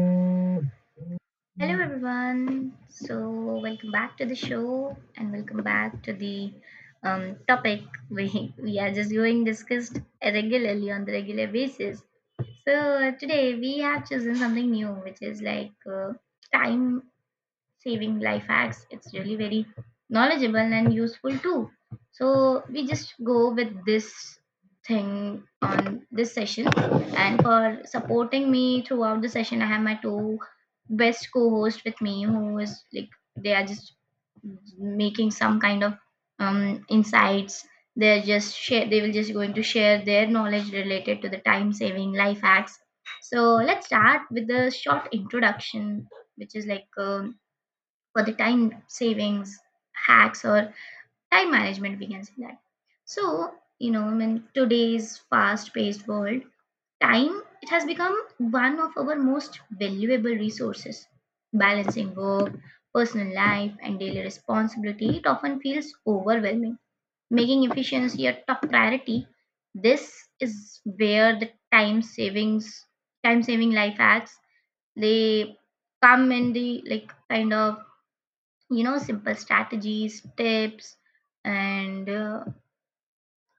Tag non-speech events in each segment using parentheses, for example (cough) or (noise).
Hello, everyone. So, welcome back to the show, and welcome back to the topic we are just going discussed regularly on the regular basis. So today we have chosen something new, which is like time saving life hacks. It's really very knowledgeable and useful too. So we just go with this thing on this session. And for supporting me throughout the session, I have my two best co-hosts with me who is like they are just making some kind of insights. They're just share. They will just going to share their knowledge related to the time saving life hacks. So let's start with the short introduction, which is like for the time savings hacks or time management we can say that. So you know, in today's fast paced world, time it has become one of our most valuable resources. Balancing work, personal life and daily responsibility, it often feels overwhelming, making efficiency a top priority. This is where the time savings time saving life hacks, they come in the like kind of, you know, simple strategies, tips, and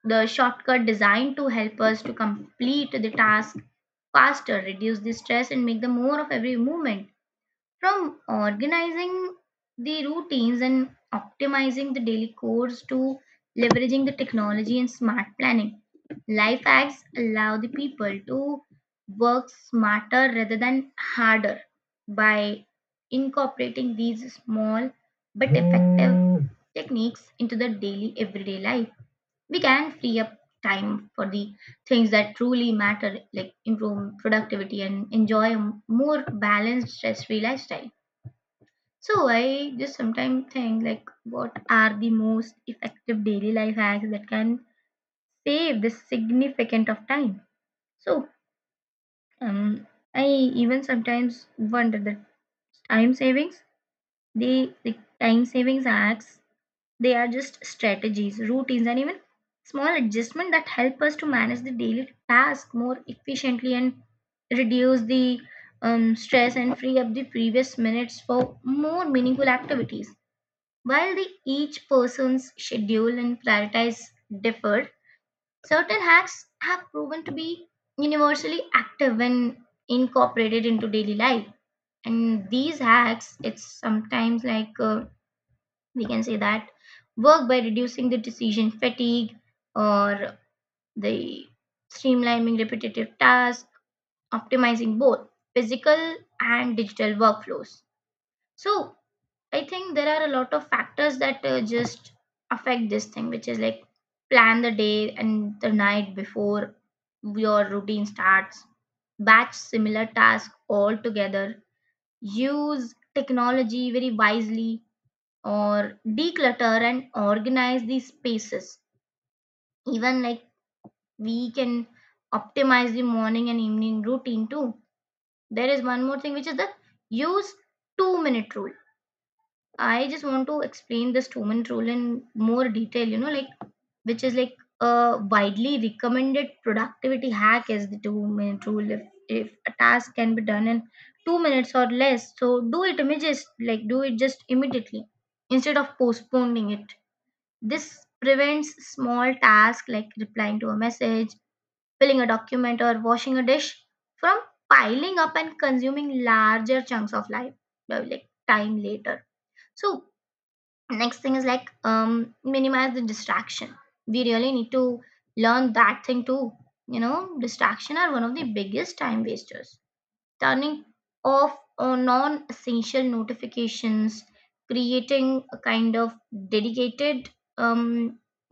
the shortcut designed to help us to complete the task faster, reduce the stress and make the more of every moment. From organizing the routines and optimizing the daily course to leveraging the technology and smart planning, life hacks allow the people to work smarter rather than harder. By incorporating these small but effective techniques into the daily everyday life, we can free up time for the things that truly matter, like improve productivity and enjoy a more balanced, stress free lifestyle. So I just sometimes think, like, what are the most effective daily life hacks that can save this significant of time. So um, I even sometimes wonder that time savings, time savings hacks, they are just strategies, routines, and even small adjustment that help us to manage the daily task more efficiently and reduce the stress and free up the previous minutes for more meaningful activities. While the each person's schedule and priorities differ, certain hacks have proven to be universally active when incorporated into daily life. And these hacks, it's sometimes like, we can say that, work by reducing the decision fatigue or the streamlining repetitive tasks, optimizing both physical and digital workflows. So I think there are a lot of factors that just affect this thing, which is like plan the day and the night before your routine starts, batch similar tasks all together, use technology very wisely, or declutter and organize these spaces. Even like we can optimize the morning and evening routine too. There is one more thing, which is the use 2 minute rule. I just want to explain this Toman roll in more detail, you know, like which is like a widely recommended productivity hack is the 2 minute rule. If a task can be done in 2 minutes or less, so do it images, like do it just immediately instead of postponing it. This prevents small tasks like replying to a message, filling a document, or washing a dish from piling up and consuming larger chunks of life, like time later. So next thing is like minimize the distraction. We really need to learn that thing too. You know, distraction are one of the biggest time wasters. Turning off non-essential notifications, creating a kind of dedicated um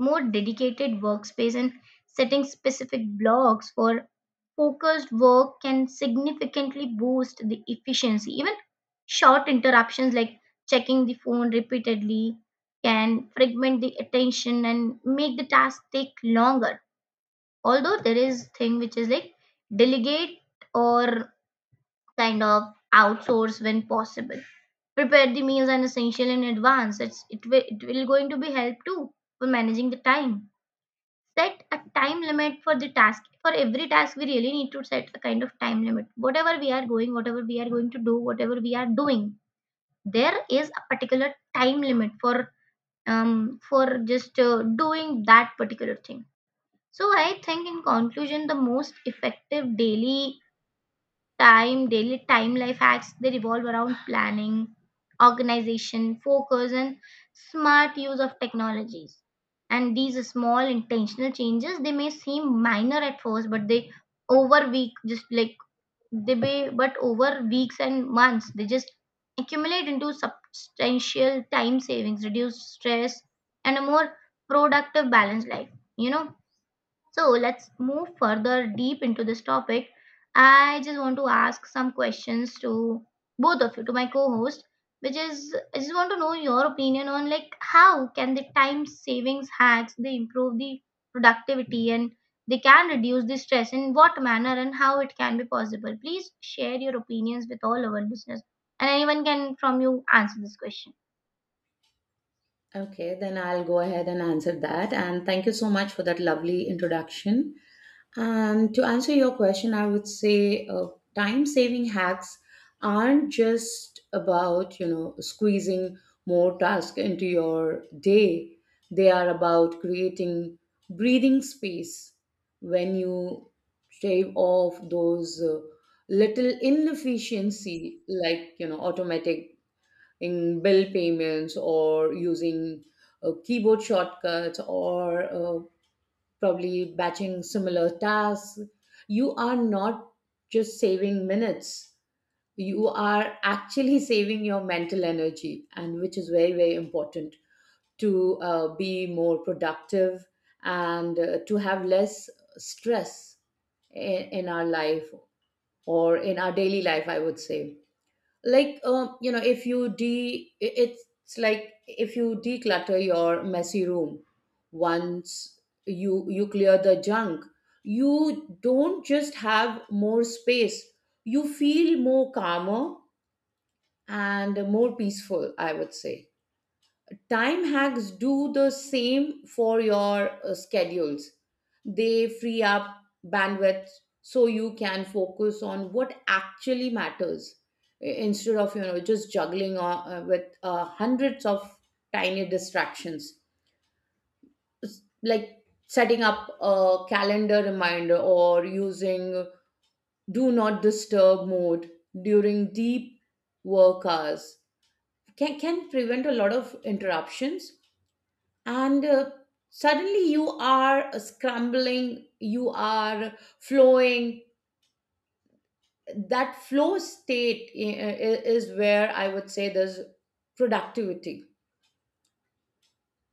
more dedicated workspace and setting specific blocks for focused work can significantly boost the efficiency. Even short interruptions like checking the phone repeatedly can fragment the attention and make the task take longer. Although there is thing which is like delegate or kind of outsource when possible. Prepare the meals and essential in advance. It's it will going to be help too for managing the time. Set a time limit for the task. For every task we really need to set a kind of time limit. Whatever we are going, whatever we are going to do, whatever we are doing, there is a particular time limit for um for just doing that particular thing. So I think in conclusion, the most effective daily time life hacks, they revolve around planning, organization, focus, and smart use of technologies. And these small intentional changes, they may seem minor at first, but they over week, just like they may, but over weeks and months, they just accumulate into substantial time savings, reduce stress, and a more productive, balanced life. You know, so let's move further deep into this topic. I just want to ask some questions to both of you, to my co-host, which is I just want to know your opinion on like how can the time savings hacks they improve the productivity and they can reduce the stress in what manner and how it can be possible. Please share your opinions with all our listeners. And anyone can from you answer this question. Okay, then I'll go ahead and answer that. And thank you so much for that lovely introduction. And to answer your question, I would say time saving hacks aren't just about, you know, squeezing more tasks into your day. They are about creating breathing space. When you shave off those little inefficiency, like you know, automatic in bill payments or using keyboard shortcuts or probably batching similar tasks, you are not just saving minutes, you are actually (laughs) saving your mental energy, and which is very very important to be more productive and to have less stress in our life, or in our daily life I would say. Like you know, if you it's like if you declutter your messy room once, you clear the junk, you don't just have more space, you feel more calmer and more peaceful, I would say. Time hacks do the same for your schedules. They free up bandwidth so you can focus on what actually matters, instead of you know just juggling with hundreds of tiny distractions. It's like setting up a calendar reminder or using do not disturb mode during deep work hours can prevent a lot of interruptions, and suddenly you are scrambling, you are flowing. That flow state is where I would say there's productivity.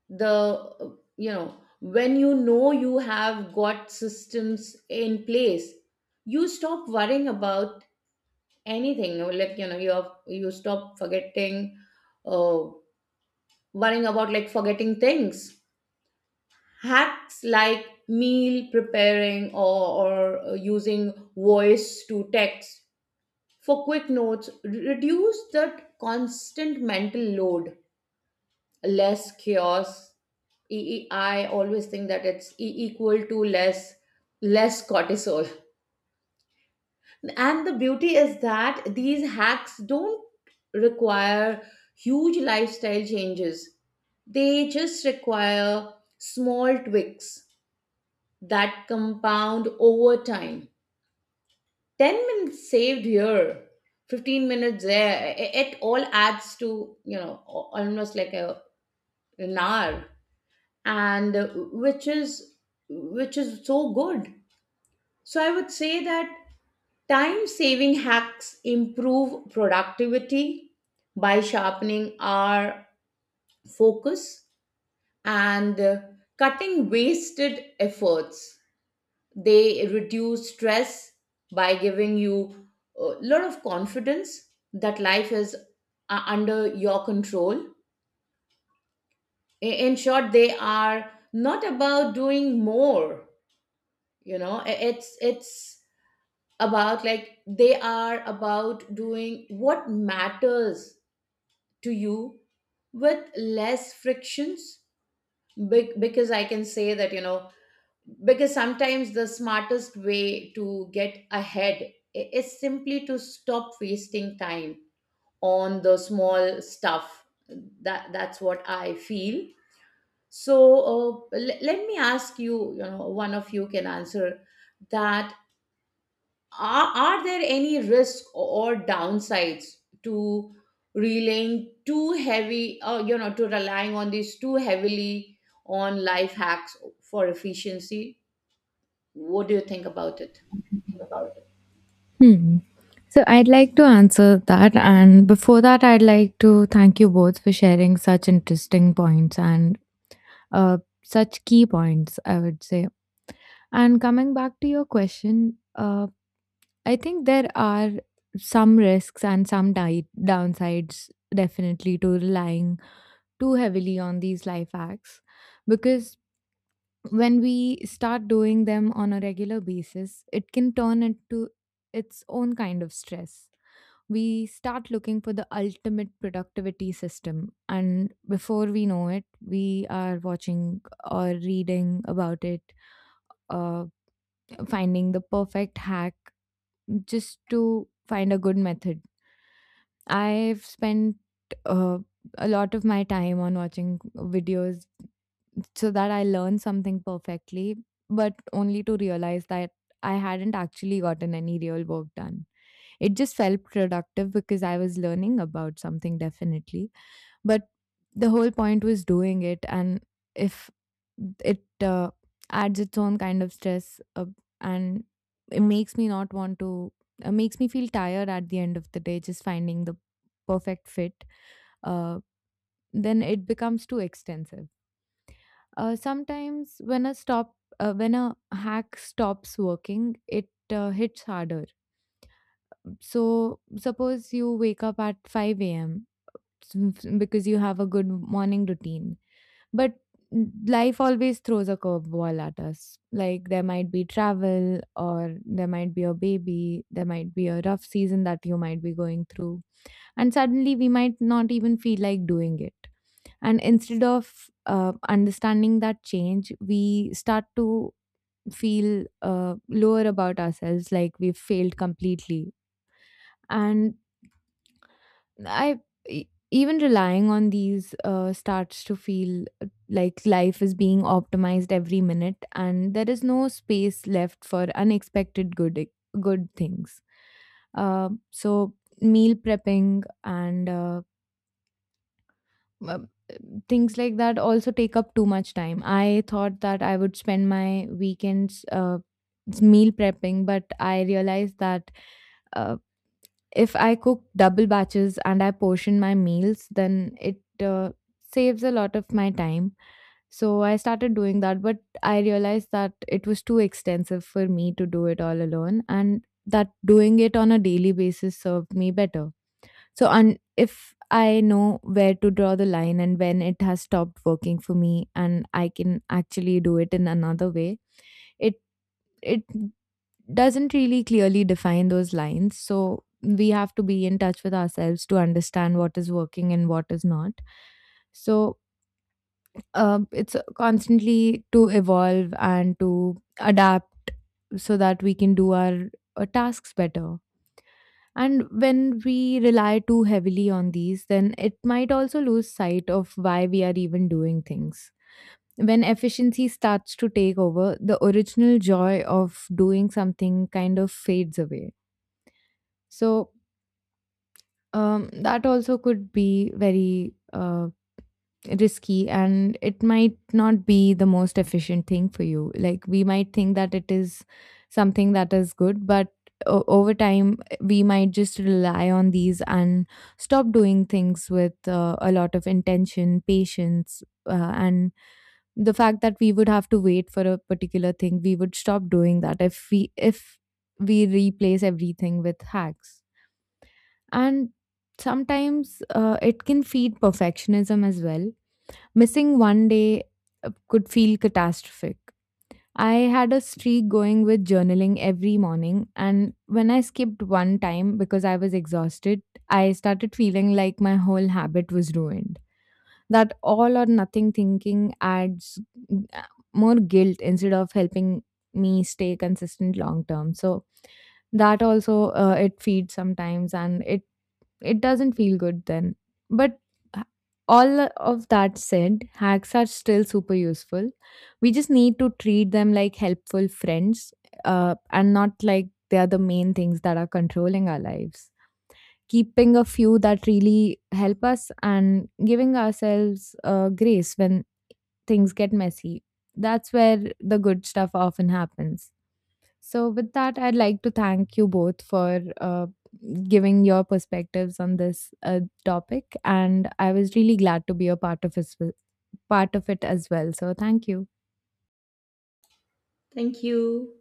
The uh, you know When you know you have got systems in place, you stop worrying about anything. Like you know you stop forgetting, uh, worrying about like forgetting things. Hacks like meal preparing, or using voice to text for quick notes reduce that constant mental load. Less chaos. E- I always think that it's equal to less, less cortisol. And the beauty is that these hacks don't require huge lifestyle changes, they just require small tweaks that compound over time. 10 minutes saved here, 15 minutes there, it all adds to, you know, almost like a, an hour, and which is, which is so good. So I would say that time saving hacks improve productivity by sharpening our focus and cutting wasted efforts. They reduce stress by giving you a lot of confidence that life is under your control. In short, they are not about doing more, you know, it's about, like, they are about doing what matters to you with less frictions. Because I can say that, you know, because sometimes the smartest way to get ahead is simply to stop wasting time on the small stuff. That, that's what I feel. So let me ask you, you know, one of you can answer that. Are there any risks or downsides to relying too heavy, or you know, to relying on these too heavily, on life hacks for efficiency? What do you think about it? Hmm. So I'd like to answer that. And before that, I'd like to thank you both for sharing such interesting points and uh, such key points, I would say. And coming back to your question, I think there are some risks and some downsides definitely to relying too heavily on these life hacks because when we start doing them on a regular basis, it can turn into its own kind of stress. We start looking for the ultimate productivity system, and before we know it, we are watching or reading about it, uh, finding the perfect hack just to find a good method. I've spent uh, a lot of my time on watching videos so that I learned something perfectly, but only to realize that I hadn't actually gotten any real work done. It just felt productive because I was learning about something definitely, but the whole point was doing it, and if it adds its own kind of stress and it makes me not want to makes me feel tired at the end of the day just finding the perfect fit, uh, then it becomes too extensive. Sometimes when a stop When a hack stops working, it hits harder. So suppose you wake up at 5 a.m. (laughs) because you have a good morning routine, but life always throws a curveball at us. Like there might be travel, or there might be a baby, there might be a rough season that you might be going through, and suddenly we might not even feel like doing it, and instead of understanding that change we start to feel lower about ourselves, like we've failed completely. And i even relying on these starts to feel like life is being optimized every minute and there is no space left for unexpected good things. So meal prepping and uh, things like that also take up too much time. I thought that I would spend my weekends meal prepping, but I realized that uh, if I cook double batches and I portion my meals, then it saves a lot of my time. So I started doing that, but I realized that it was too extensive for me to do it all alone, and that doing it on a daily basis served me better. So, and if I know where to draw the line and when it has stopped working for me, and I can actually do it in another way, it it doesn't really clearly define those lines. So we have to be in touch with ourselves to understand what is working and what is not. So it's constantly to evolve and to adapt so that we can do our tasks better. And when we rely too heavily on these, then it might also lose sight of why we are even doing things. When efficiency starts to take over, the original joy of doing something kind of fades away. So, that also could be very risky, and it might not be the most efficient thing for you. Like we might think that it is something that is good, but over time we might just rely on these and stop doing things with a lot of intention, patience, and the fact that we would have to wait for a particular thing. We would stop doing that if we replace everything with hacks. And sometimes it can feed perfectionism as well. Missing one day could feel catastrophic. I had a streak going with journaling every morning, and when I skipped one time because I was exhausted, I started feeling like my whole habit was ruined. That all or nothing thinking adds uh, more guilt instead of helping me stay consistent long term. So that also, it feeds sometimes, and it doesn't feel good then. But h- all of that said, hacks are still super useful. We just need to treat them like helpful friends, and not like they are the main things that are controlling our lives. Keeping a few that really help us and giving ourselves grace when things get messy. That's where the good stuff often happens. So, with that, I'd like to thank you both for giving your perspectives on this topic, and I was really glad to be a part of it as well. So, thank you. Thank you.